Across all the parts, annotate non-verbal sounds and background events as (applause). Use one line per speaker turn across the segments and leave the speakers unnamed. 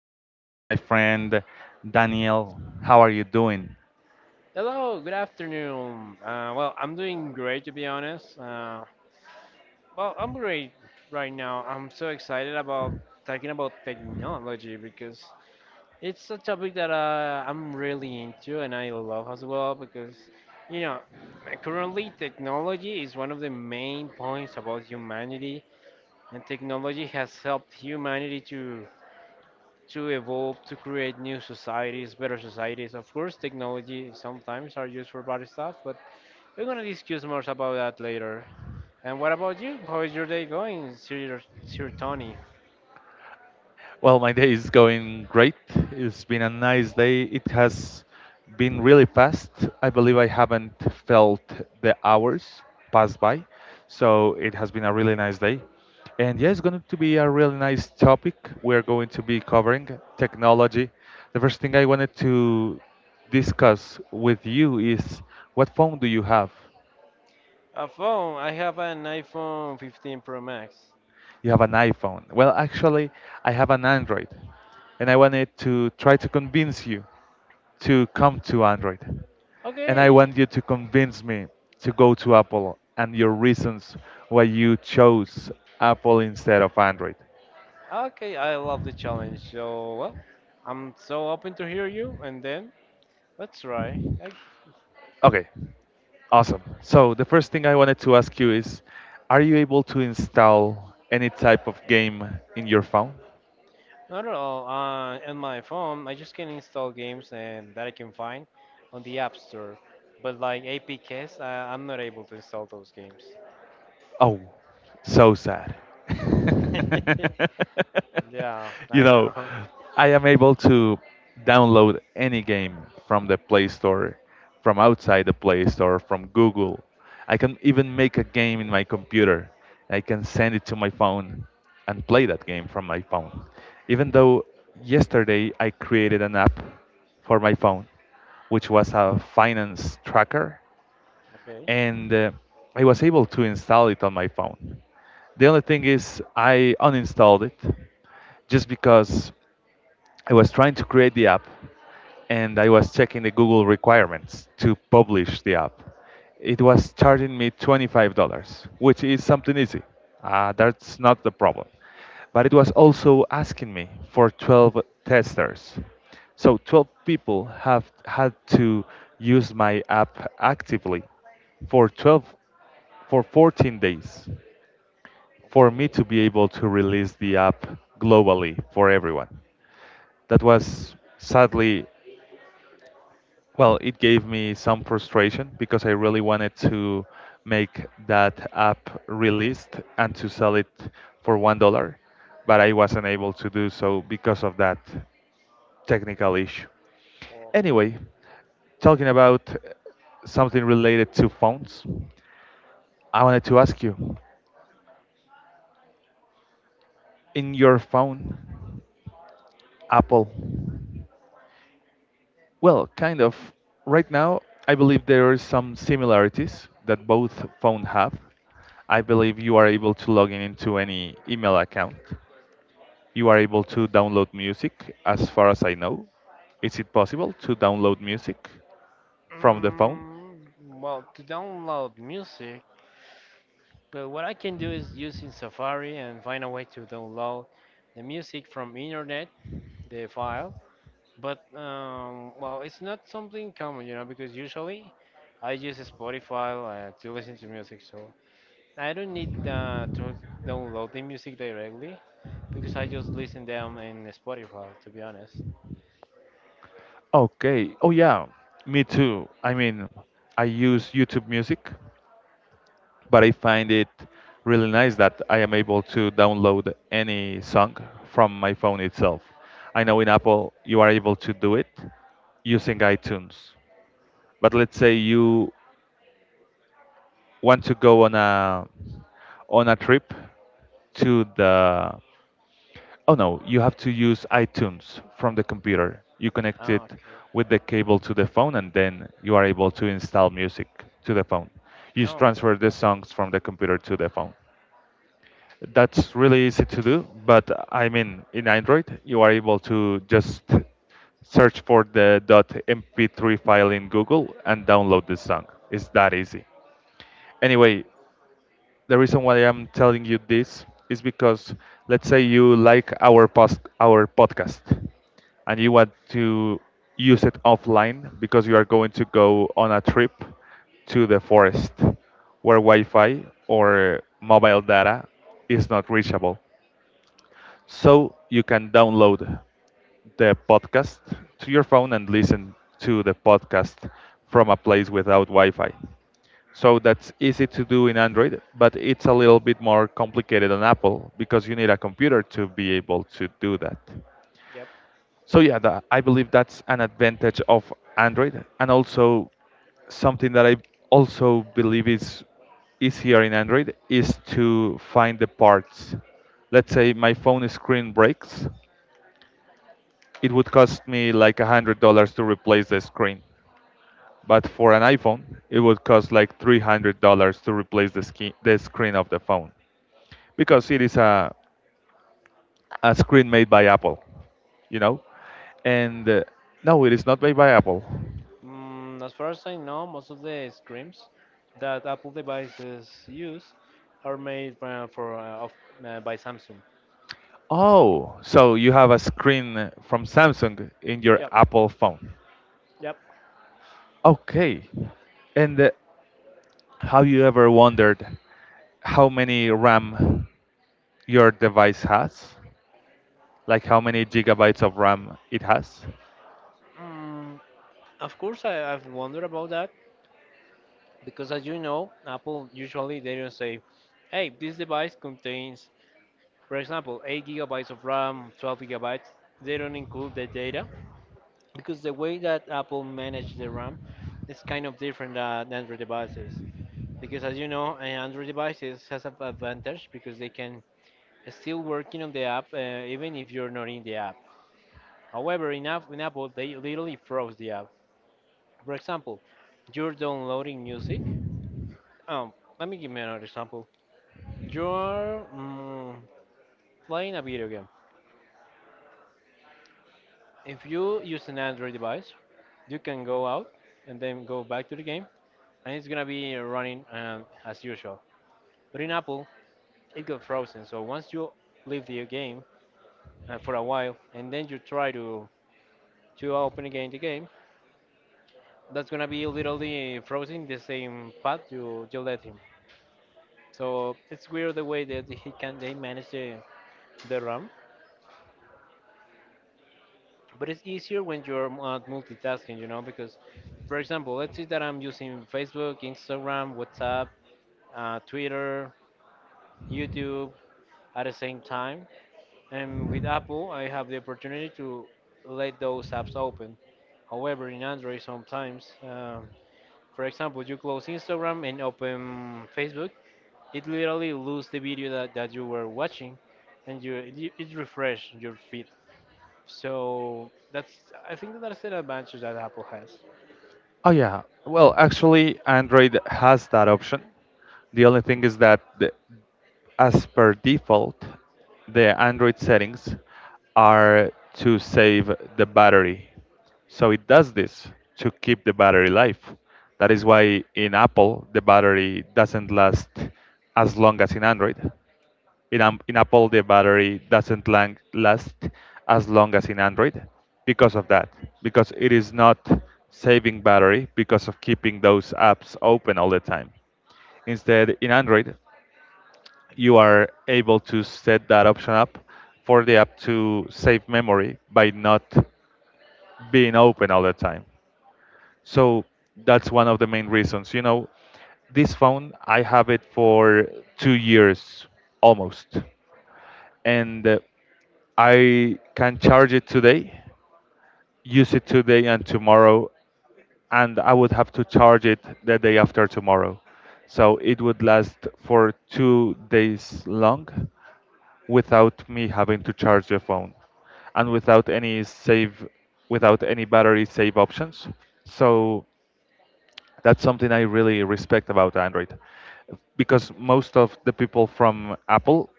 here with my friend Daniel. How are you doing?
Hello, good afternoon. Well, I'm doing great to be honest. Well, I'm great right now. I'm so excited about talking about technology because it's a topic that I'm really into and I love as well because, you know, currently technology is one of the main points about humanity, and technology has helped humanity to evolve, to create new societies, better societies. Of course, technology sometimes are used for bad stuff, but we're gonna discuss more about that later. And what about you? How is your day going, Sir Tony?
Well, my day is going great. It's been a nice day. It has been really fast. I believe I haven't felt the hours pass by. So it has been a really nice day. And yeah, it's going to be a really nice topic. We're going to be covering technology. The first thing I wanted to discuss with you is, what phone do you have?
A phone. I have an iPhone 15 Pro Max.
You have an iPhone. Well, actually, I have an Android, and I wanted to try to convince you to come to Android. And I
Okay.
want you to convince me to go to Apple and your reasons why you chose Apple instead of Android.
Okay, I love the challenge. So, well, I'm so open to hear you. And then, let's try. I,
Okay, awesome. So, the first thing I wanted to ask you is, are you able to install any type of game in your phone?
not at all. On my phone, I just can install games and that I can find on the App Store. But like APKs, I'm not able to install those games.
Oh, so sad.
(laughs)
(laughs)
Yeah,
You
I
know,
know.
I am able to download any game from the Play Store, from outside the Play Store, from Google. I can even make a game in my computer. I can send it to my phone and play that game from my phone. Even though yesterday I created an app for my phone, which was a finance tracker,
(laughs) Okay.
and I was able to install it on my phone. The only thing is, I uninstalled it just because I was trying to create the app and I was checking the Google requirements to publish the app. It was charging me $25, which is something easy. That's not the problem. But it was also asking me for 12 testers. So 12 people have had to use my app actively for 12 for 14 days for me
Okay.
to be able to release the app globally for everyone. That was sadly, well, it gave me some frustration because I really wanted to make that app released and to sell it for $1, but I wasn't able to do so because of that technical issue.
Okay.
Anyway, talking about something related to phones, I wanted to ask you, in your phone, Apple. Well, kind of. Right now, I believe there are some similarities that both phones have. I believe you are able to log in into any email account. You are able to download music, as far as I know. Is it possible to download music from the phone?
Well, to download music, what I can do is using Safari and find a way to download the music from internet, the file. But well, it's not something common, you know, because usually I use Spotify to listen to music, so I don't need to download the music directly because I just listen them in Spotify, to be honest.
Okay. Oh, yeah. Me too. I mean, I use YouTube Music, but I find it really nice that I am able to download any song from my phone itself. I know in Apple you are able to do it using iTunes, but let's say you want to go on a trip to the oh no, you have to use itunes from the computer. You connect it
Ah, okay.
with
Oh.
the cable to the phone, and then you are able to install music to the phone. You just
Okay.
transfer the
Got it.
songs from the computer to the phone. That's really easy to do, but I mean, in Android, you are able to just search for the .MP3 file in Google and download the song. It's that easy. Anyway, the reason why I'm telling you this is because let's say you like our post, our podcast, and you want to use it offline because you are going to go on a trip to the forest where Wi-Fi or mobile data is not reachable. So you can download the podcast to your phone and listen to the podcast from a place without Wi Fi. So that's easy to do in Android, but it's a little bit more complicated on Apple because you need a computer to be able to do that.
Yep.
So yeah, that, I believe that's an advantage of Android, and also something that I also believe is easier in Android is to find the parts. Let's say my phone screen breaks, it would cost me like $100 to replace the screen, but for an iPhone, it would cost like $300 to replace the screen of the phone because it is a screen made by Apple, you know? And No, it is not made by Apple.
As far as I know, most of the screens that Apple devices use are made by Samsung.
Oh, so you have a screen from Samsung in your
Yep,
Apple phone.
yep.
Okay. And Have you ever wondered how many RAM your device has? Like how many gigabytes of RAM it has?
Mm, of course, I've wondered about that because, as you know, Apple usually they don't say, "Hey, this device contains, for example, 8 gigabytes of RAM, 12 gigabytes." They don't include the data because the way that Apple manages the RAM is kind of different than Android devices. Because as you know, Android devices has an advantage because they can still working on the app, even if you're not in the app. However, in Apple, they literally froze the app. For example, you're downloading music. Um, Let me give you another example. You're playing a video game. If you use an Android device, you can go out and then go back to the game, and it's gonna be running as usual. But in Apple, it got frozen. So once you leave the game, for a while, and then you try to open again the game, that's gonna be literally frozen in the same path you let him. So it's weird the way that he can they manage the RAM, but it's easier when you're multitasking, you know, because for example, let's say that I'm using Facebook, Instagram, WhatsApp, Twitter, YouTube at the same time, and with Apple, I have the opportunity to let those apps open. However, in Android, sometimes. For example, you close Instagram and open Facebook, it literally lose the video that you were watching, and it refresh your feed. So that's I think that that's an advantage that Apple has.
Oh yeah. Well, actually, Android has that option. The only thing is that, as per default, the Android settings are to save the battery. So it does this to keep the battery life. That is why in Apple the battery doesn't last as long as in Android. In in Apple, the battery doesn't last as long as in Android, because of that, because it is not saving battery because of keeping those apps open all the time. Instead, in Android, you are able to set that option up for the app to save memory by not being open all the time. So that's one of the main reasons. You know, this phone, I have it for 2 years almost, and I can charge it today, use it today and tomorrow, and I would have to charge it the day after tomorrow. So it would last for 2 days long without me having to charge the phone and without any battery save options. So that's something I really respect about Android because most of the people from Apple,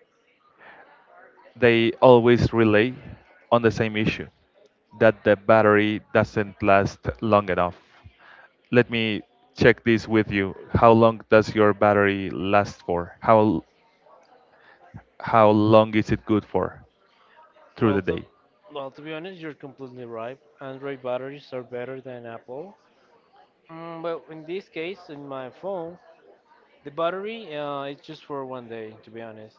they always relay on the same issue that the battery doesn't last long enough. Let me check this with you. How long does your battery last for? How long is it good for through
Well,
the
to,
day?
well, to be honest, you're completely right. Android batteries are better than Apple. Well, in this case, in my phone, the battery is just for 1 day, to be honest.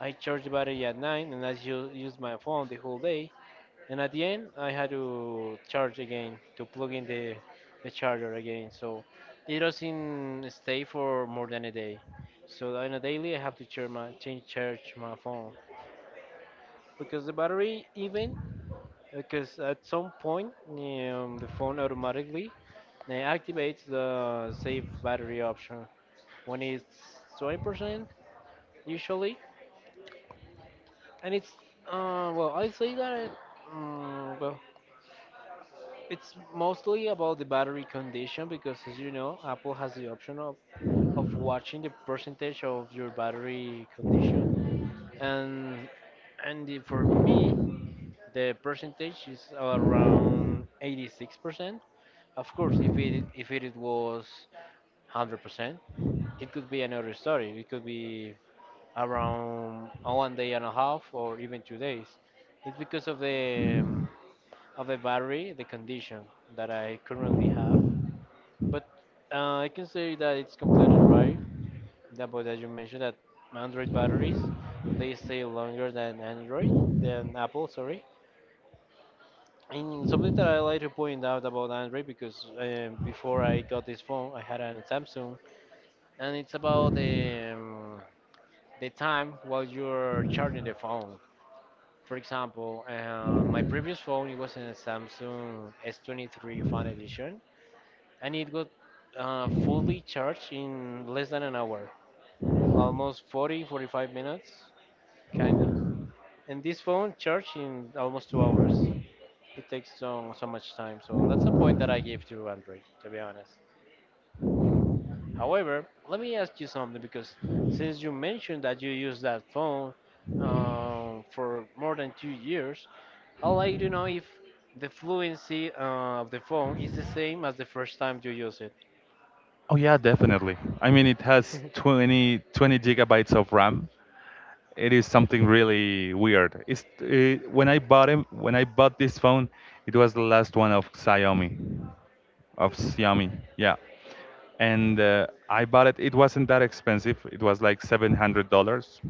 I charge the battery at 9 and I use my phone the whole day, and at the end I had to charge again to plug in the charger again. So it doesn't stay for more than a day. So on a daily I have to charge my phone because the battery even because at some point the phone automatically activates the save battery option when it's 20% usually and it's well I say that well it's mostly about the battery condition because, as you know, Apple has the option of watching the percentage of your battery condition, and for me, the percentage is around 86%. Of course, if it was 100%, it could be another story. It could be around 1 day and a half or even 2 days. It's because of the battery, the condition that I currently have. But I can say that it's completely right. That but As you mentioned that Android batteries they stay longer than Android than Apple, sorry. And something that I like to point out about Android because before I got this phone, I had a Samsung, and it's about the time while you're charging the phone. For example, my previous phone it was in a Samsung S23 Fan Edition, and it got fully charged in less than an hour. Almost 40, 45 minutes, kind of. And this phone charge in almost 2 hours. It takes so, so much time. So that's a point that I give to Android, to be honest. However, let me ask you something because since you mentioned that you use that phone for more than 2 years, I'd like to know if the fluency of the phone is the same as the first time you use it.
Oh yeah, definitely. I mean it has 20 20 gigabytes of RAM. It is something really weird. It's when I bought this phone, it was the last one of Xiaomi, of Xiaomi, yeah. And I bought it. It wasn't that expensive. It was like $700.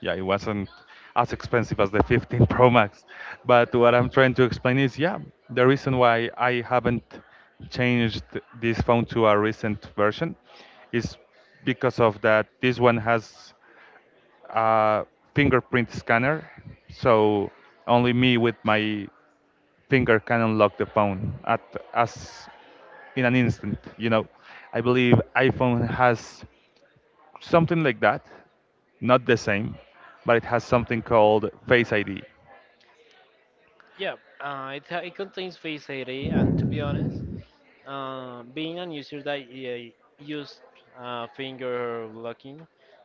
Yeah, it wasn't as expensive as the 15 (laughs) Pro Max. But what I'm trying to explain is, yeah, the reason why I haven't changed this phone to a recent version is because of that. This one has a fingerprint scanner, so only me with my finger can unlock the phone at as in an instant. You know, I believe iPhone has something like that, not the same, but it has something called Face ID.
Yeah, it contains Face ID, and to be honest, being a user that used finger locking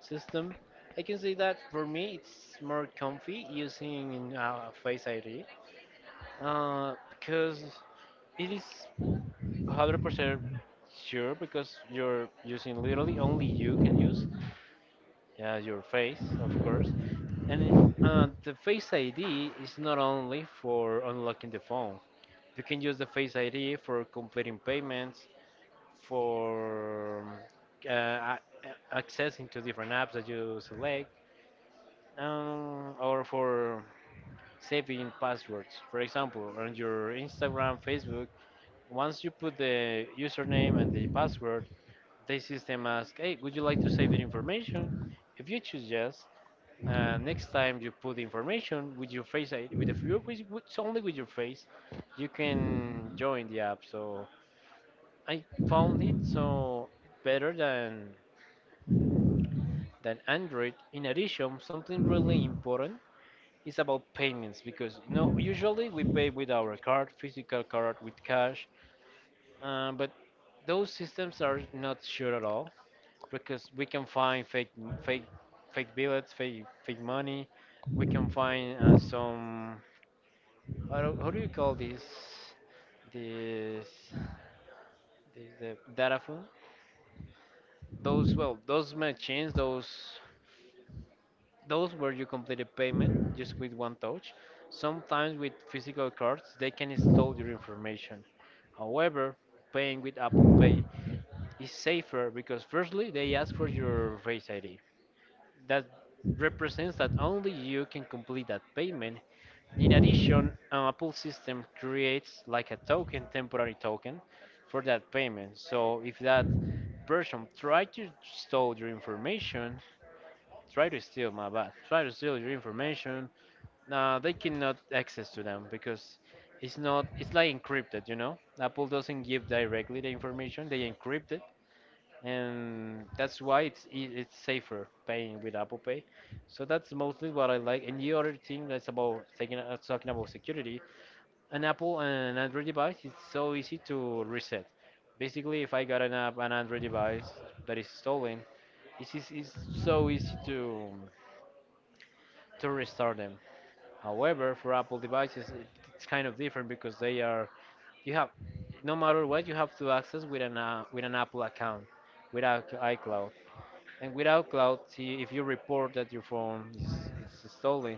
system, I can say that for me it's more comfy using Face ID because it is 100% sure because you're using literally only you can use your face, of course, and the Face ID is not only for unlocking the phone. You can use the Face ID for completing payments, for uh, a- access into different apps that you select, or for saving passwords. For example, on your Instagram, Facebook, once you put the username and the password, the system asks, "Hey, would you like to save the information?" If you choose yes, next time you put the information with your face, with only with your face, you can join the app. So I found it so better than Android. In addition, something really important is about payments because you know usually we pay with our card, physical card, with cash, but those systems are not sure at all because we can find fake fake billets, fake money. We can find some how do you call this, the data phone? Those well, those machines, those where you complete a payment just with one touch. Sometimes with physical cards, they can store your information. However, paying with Apple Pay is safer because firstly, they ask for your Face ID. That represents that only you can complete that payment. In addition, an Apple system creates like a token, temporary token, for that payment. So if that person try to steal your information, try to steal your information, no, they cannot access to them because it's not it's like encrypted, you know? Apple doesn't give directly the information, they encrypt it and that's why it's safer paying with Apple Pay. So that's mostly what I like. And the other thing that's about taking talking about security, an Apple and an Android device it's so easy to reset. Basically, if I got an app, an Android device that is stolen, it's so easy to restore them. However, for Apple devices, it's kind of different because they are you have no matter what you have to access with an Apple account, without iCloud, and without cloud, see, if you report that your phone is it's stolen,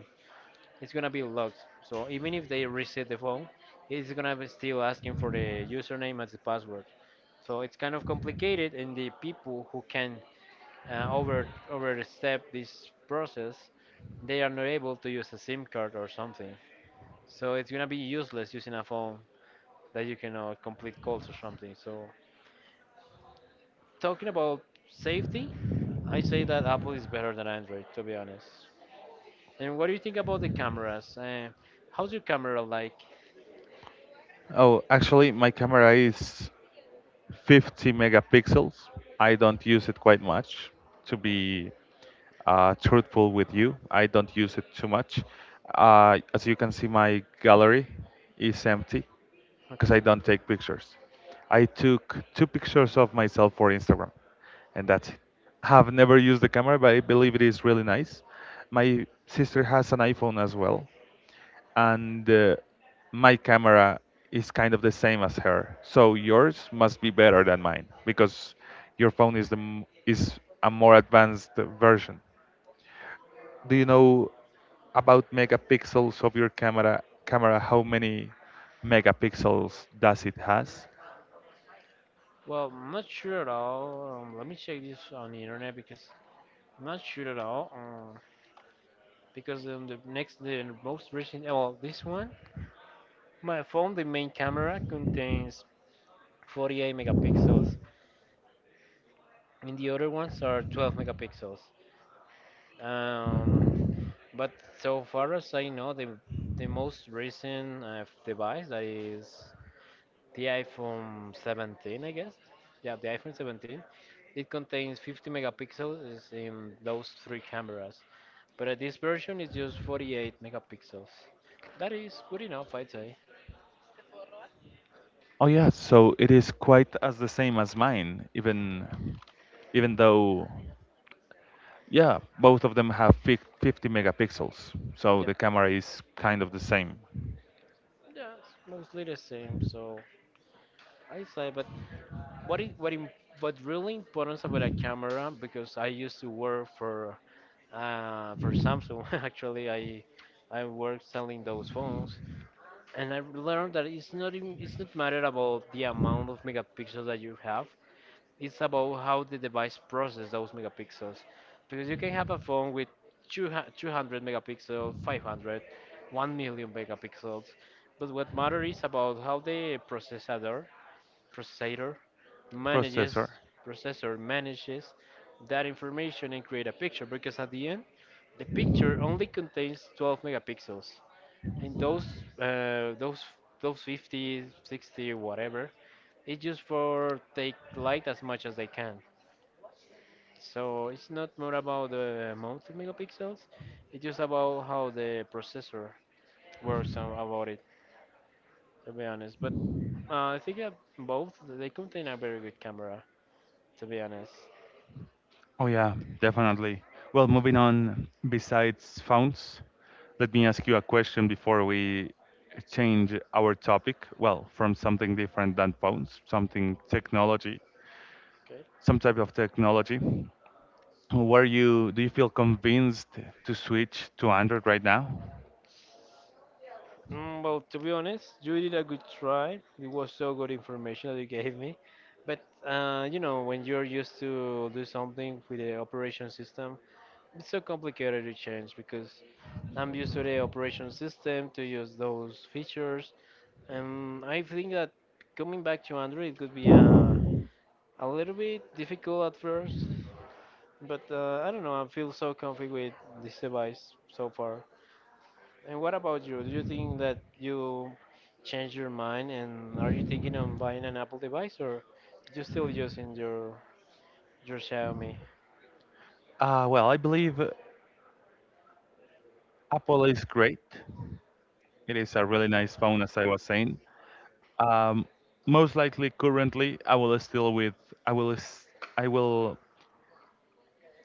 it's gonna be locked. So even if they reset the phone, it's gonna be still asking for the username as the password. So it's kind of complicated, and the people who can overstep this process, they are not able to use a SIM card or something. So it's gonna be useless using a phone that you cannot complete calls or something. So talking about safety, I say that Apple is better than Android, to be honest. And what do you think about the cameras? How's your camera like?
Oh, actually, my camera is 50 megapixels. I don't use it quite much, to be truthful with you. I don't use it too much. As you can see, my gallery is empty because I
Okay.
don't take pictures. I took two pictures of myself for Instagram, and that's it. I have never used the camera, but I believe it is really nice. My sister has an iPhone as well, and my camera is kind of the same as her. So yours must be better than mine because your phone is is a more advanced version. Do you know about megapixels of your camera? Camera, how many megapixels does it has?
Well, I'm not sure at all. Let me check this on the internet because I'm not sure at all. The most recent, oh, well, this one, my phone, the main camera contains 48 megapixels, and the other ones are 12 megapixels. Um, but so far as I know, the most recent device that is the iPhone 17, I guess. Yeah, the iPhone 17. It contains 50 megapixels in those three cameras, but this version is just 48 megapixels. That is good enough, I'd say.
Oh yeah, so it is quite as the same as mine, even though yeah, both of them have 50 megapixels. So
Yep.
the camera is kind of the same.
Yeah, it's mostly the same. So I say, but what is what im what really important about a camera? Because I used to work for Samsung. (laughs) Actually, I work selling those phones, and I learned that it's not matter about the amount of megapixels that you have. It's about how the device process those megapixels, because you can have a phone with 200 200 megapixels, 500, 1 million megapixels, but what matters is about how the processor
Processor.
manages manages that information and create a picture because at the end the picture only contains 12 megapixels and uh, those those 50, 60 whatever. It's just for take light as much as they can, so it's not more about the amount of megapixels, it's just about how the processor works on, about it, to be honest. But I think that both they contain a very good camera, to be honest.
Oh yeah, definitely. Well, moving on. Besides phones, let me ask you a question before we change our topic. Well, from something different than phones,
Okay.
some type of technology. Were you? Do you feel convinced to switch to Android right now?
Well, to be honest, you did a good try. It was so good information that you gave me. But when you're used to do something with the operation system, it's so complicated to change because I'm used to the operation system to use those features. And I think that coming back to Android could be a little bit difficult at first. But I don't know. I feel so comfy with this device so far. And what about you? Do you think that you changed your mind and are you thinking on buying an Apple device, or you still using your Xiaomi?
Well, I believe Apple is great. It is a really nice phone, as I was saying. Um, Most likely, currently, I will still with I will s- I will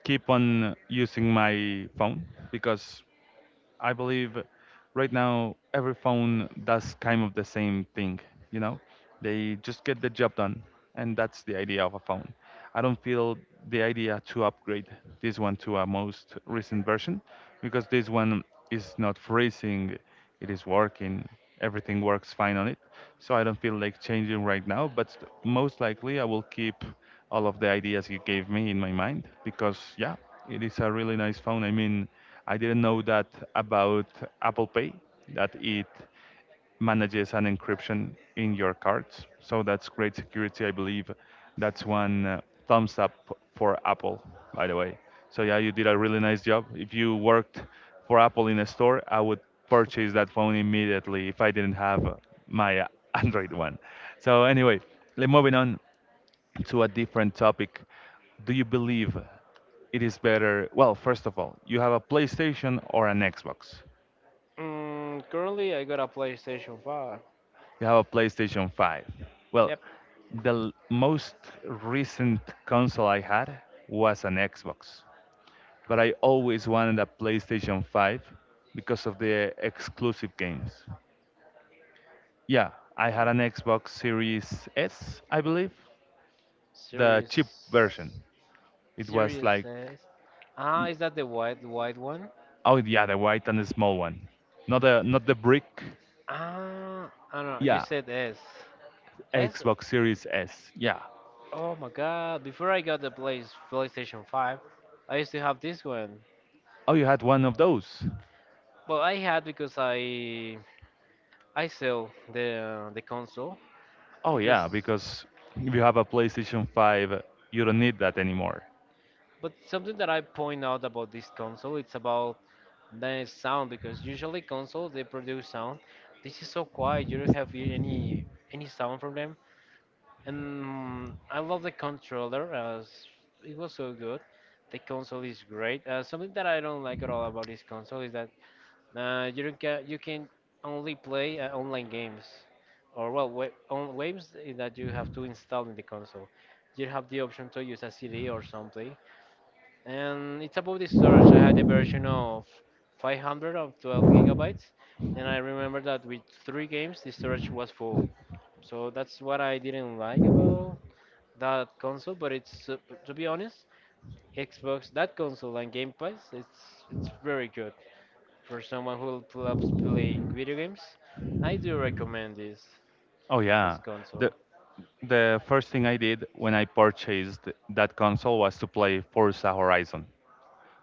keep on using my phone because I believe right now every phone does kind of the same thing, you know? They just get the job done, and that's the idea of a phone. I don't feel the idea to upgrade this one to a most recent version because this one is not freezing, it is working, everything works fine on it. So I don't feel like changing right now, but most likely I will keep all of the ideas you gave me in my mind because yeah, it is a really nice phone. I mean, I didn't know that about Apple Pay, that it manages an encryption in your cards. So that's great security, I believe. That's one thumbs up for Apple, by the way. So yeah, you did a really nice job. If you worked for Apple in a store, I would purchase that phone immediately if I didn't have my (laughs) Android one. So anyway, moving on to a different topic. Do you believe it is better? Well, first of all, you have a PlayStation or an Xbox.
Currently I got a PlayStation 5.
You have a PlayStation 5. Well,
Yep.
the most recent console I had was an Xbox, but I always wanted a PlayStation 5 because of the exclusive games. Yeah, I had an Xbox Series S, I believe, the
Series
cheap version. It was
Series
like
S. Ah,
Y-
is that the white one?
oh yeah, the white and the small one, not the brick.
Ah, I don't know. You
Yeah,
said S. S?
Xbox Series S. Yeah.
Oh my god. Before I got the place PlayStation 5, I used to have this one.
Oh, you had one of those?
Well, I had because I sell the console
Oh,
because
yeah, because if you have a PlayStation 5, you don't need that anymore.
but something that I point out about this console, it's about the sound, because usually consoles they produce sound. This is so quiet. You don't have any sound from them. And I love the controller, as it was so good. The console is great. Something that I don't like at all about this console is that, you don't ca you can only play online games, or well, wa on waves that you have to install in the console. You have the option to use a CD or something, and it's about the storage. I had a version of 500 of 12 gigabytes, and I remember that with three games the storage was full. So that's what I didn't like about that console. But it's, to be honest, Xbox, that console, and Game Pass, it's very good. For someone who loves playing video games, I do recommend this
Oh,
this
yeah.
console.
The,
(laughs)
the first thing I did when I purchased that console was to play Forza Horizon,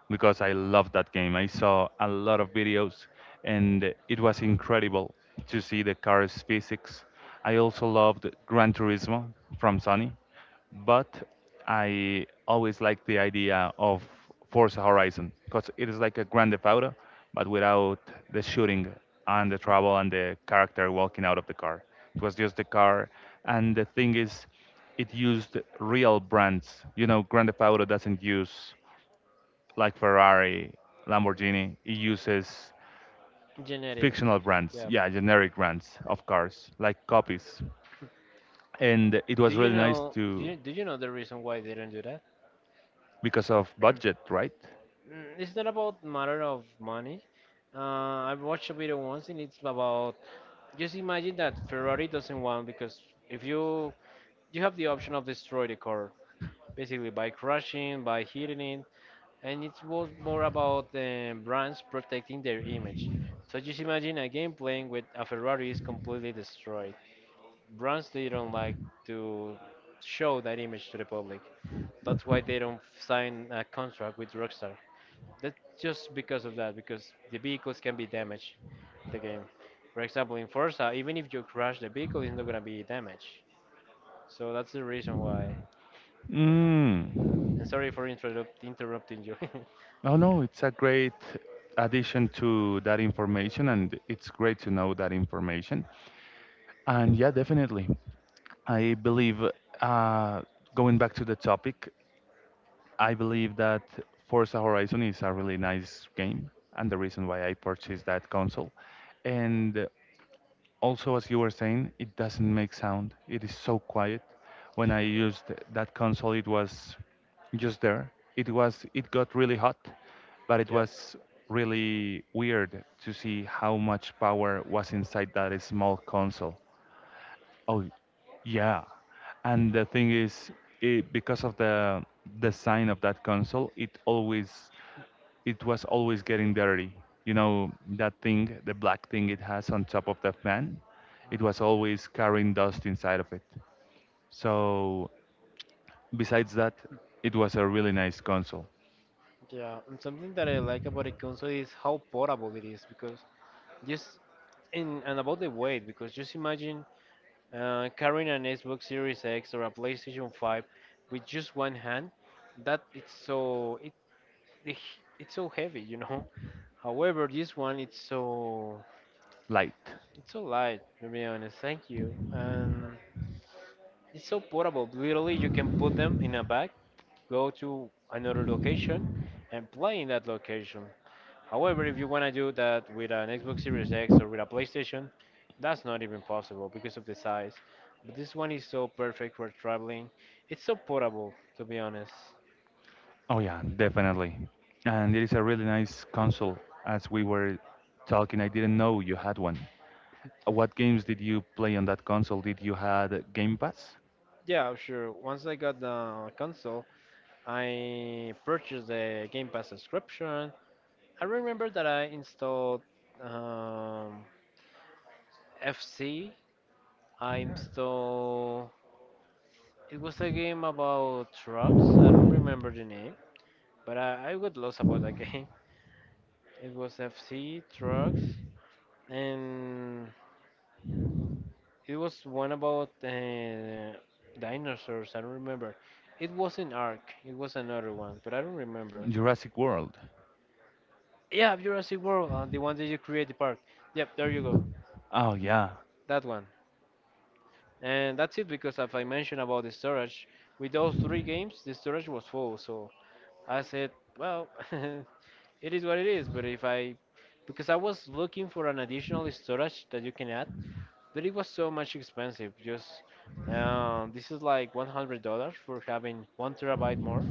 because I love that game. I saw a lot of videos and it was incredible to see the car's physics. I also loved Gran Turismo from Sony, but I always liked the idea of Forza Horizon because it is like a Grand Theft Auto, but without the shooting and the
Mhm.
travel and the character walking out of the car. It was just the car, and the thing is, it used real brands. You know, Grand Theft Auto doesn't use like Ferrari, Lamborghini, it uses
Genetic.
fictional brands,
Yeah.
yeah, generic brands of cars, like copies. And it
Do
was
you
really nice
know do
to,
you, do you know the reason why they don't do that?
because of budget, right?
It's not about matter of money. I watched a video once, and it's about, just imagine that Ferrari doesn't want, because if you have the option of destroy the car, basically by crashing, by hitting it, and it was more about the brands protecting their image. So just imagine a game playing with a Ferrari is completely destroyed. Brands they don't like to show that image to the public. That's why they don't sign a contract with Rockstar. That's just because of that, because the vehicles can be damaged in the game. For example, in Forza, even if you crash the vehicle, it's not gonna be damaged. So that's the reason why.
Mm.
And sorry for interrupting you.
Oh no, it's a great addition to that information, and it's great to know that information. And yeah, definitely. I believe, uh, going back to the topic, I believe that Forza Horizon is a really nice game and the reason why I purchased that console. And also, as you were saying, it doesn't make sound. It is so quiet. When I used that console, it was just there. It got really hot, but
(laughs)
it
Yep.
was really weird to see how much power was inside that small console. Oh, yeah. And the thing is, it, because of the design of that console, it was always getting dirty. You know, that thing, the black thing it has on top of the fan, it was always carrying dust inside of it. So, besides that, it was a really nice console.
Yeah, and something that I like about a console is how portable it is, because just, in and about the weight, because just imagine carrying an Xbox Series X or a PlayStation 5 with just one hand. That, the it's so heavy. (laughs) However, this one,
Light.
it's so light. To be honest, thank you. And it's so portable. Literally, you can put them in a bag, go to another location, and play in that location. However, if you want to do that with an Xbox Series X or with a PlayStation, that's not even possible because of the size. But this one is so perfect for traveling. It's so portable, to be honest.
Oh, yeah, definitely. And it is a really nice console. As we were talking, I didn't know you had one. What games did you play on that console? Did you had Game Pass?
Yeah, sure. Once I got the console, I purchased the Game Pass subscription. I remember that I installed um, FC. I installed. It was a game about trucks. I don't remember the name, but I got lost about that (laughs) game. It was FC trucks, and it was one about dinosaurs. I don't remember. It wasn't Ark. It was another one, but I don't remember.
Jurassic World.
Yeah, Jurassic World, the one that you create the park. Yep, there you go.
Oh yeah.
That one. And that's it, because as I mentioned about the storage, with those three games, the storage was full. So I said, well, (laughs) it is what it is. But if I, because I was looking for an additional storage that you can add, but it was so much expensive. Just this is like $100 for having 1 terabyte more.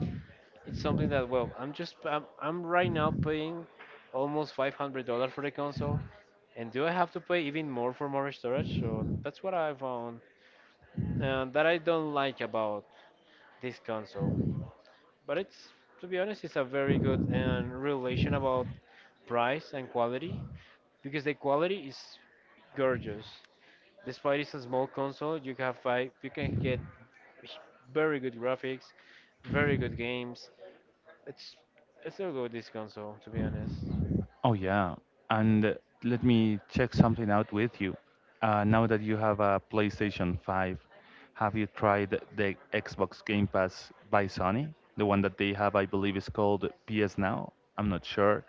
It's something that, well, I'm right now paying almost $500 for the console, and do I have to pay even more for more storage? So that's what I found, that I don't like about this console. But it's, to be honest, it's a very good relation about price and quality, because the quality is gorgeous. Despite it's a small console, you can get very good graphics, very good games. It's it's so good, this console, to be honest.
Oh yeah. And Let me check something out with you. Now that you have a PlayStation 5, have you tried the Xbox Game Pass by Sony? The one that they have, I believe, is called PS Now. I'm not sure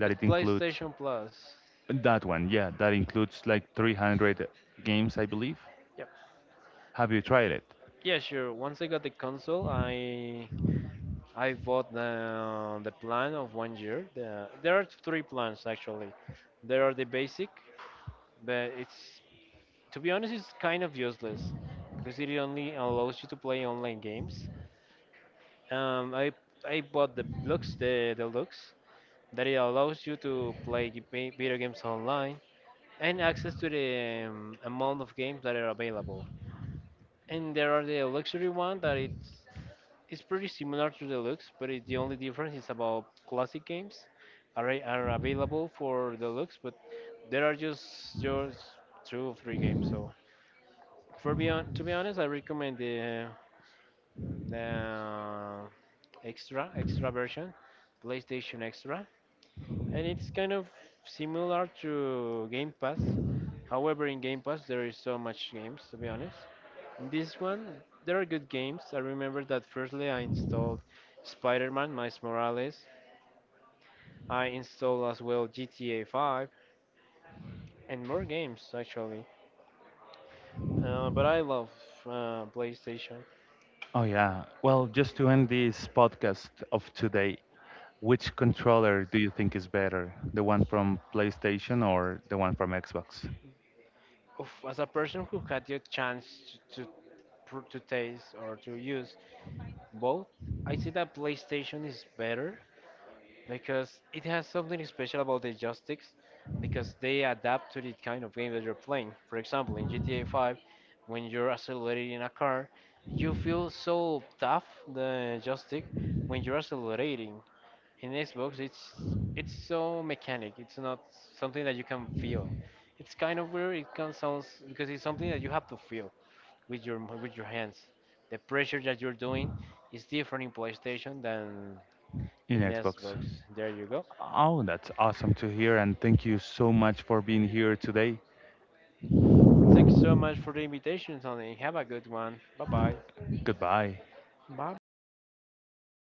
that
It's
it includes
PlayStation Plus.
that one. Yeah, that includes like 300 games, I believe.
Yep.
Have you tried it?
Yeah, sure. Once I got the console, I bought the plan of 1 year. There are three plans, actually. There are the basic, but it's, to be honest, it's kind of useless because it only allows you to play online games. Um, I I bought the Lux, the Lux, that it allows you to play video games online and access to the amount of games that are available. And there are the luxury one, that it's pretty similar to deluxe, but the only difference is about classic games are are available for deluxe, but there are just two or three games. So to be honest, I recommend the extra version, PlayStation Extra, and it's kind of similar to Game Pass. However, in Game Pass there is so much games, to be honest. In this one, there are good games. I remember that firstly I installed Spider-Man, Miles Morales. I installed as well GTA 5 and more games, actually. But I love PlayStation.
Oh, yeah. Well, just to end this podcast of today, which controller do you think is better? The one from PlayStation or the one from Xbox?
Oof, as a person who had the chance to taste or to use both, I see that PlayStation is better because it has something special about the joysticks, because they adapt to the kind of game that you're playing. For example, in GTA 5, when you're accelerating in a car, you feel so tough the joystick when you're accelerating. In Xbox, it's so mechanic. It's not something that you can feel. It's kind of weird. It can sounds, because it's something that you have to feel with your hands. The pressure that you're doing is different in PlayStation than
In
in
Xbox.
Xbox. There you go.
Oh, that's awesome to hear, and thank you so much for being here today.
Thanks so much for the invitation, Tony. Have a good one. Bye bye.
Goodbye.
Bye bye.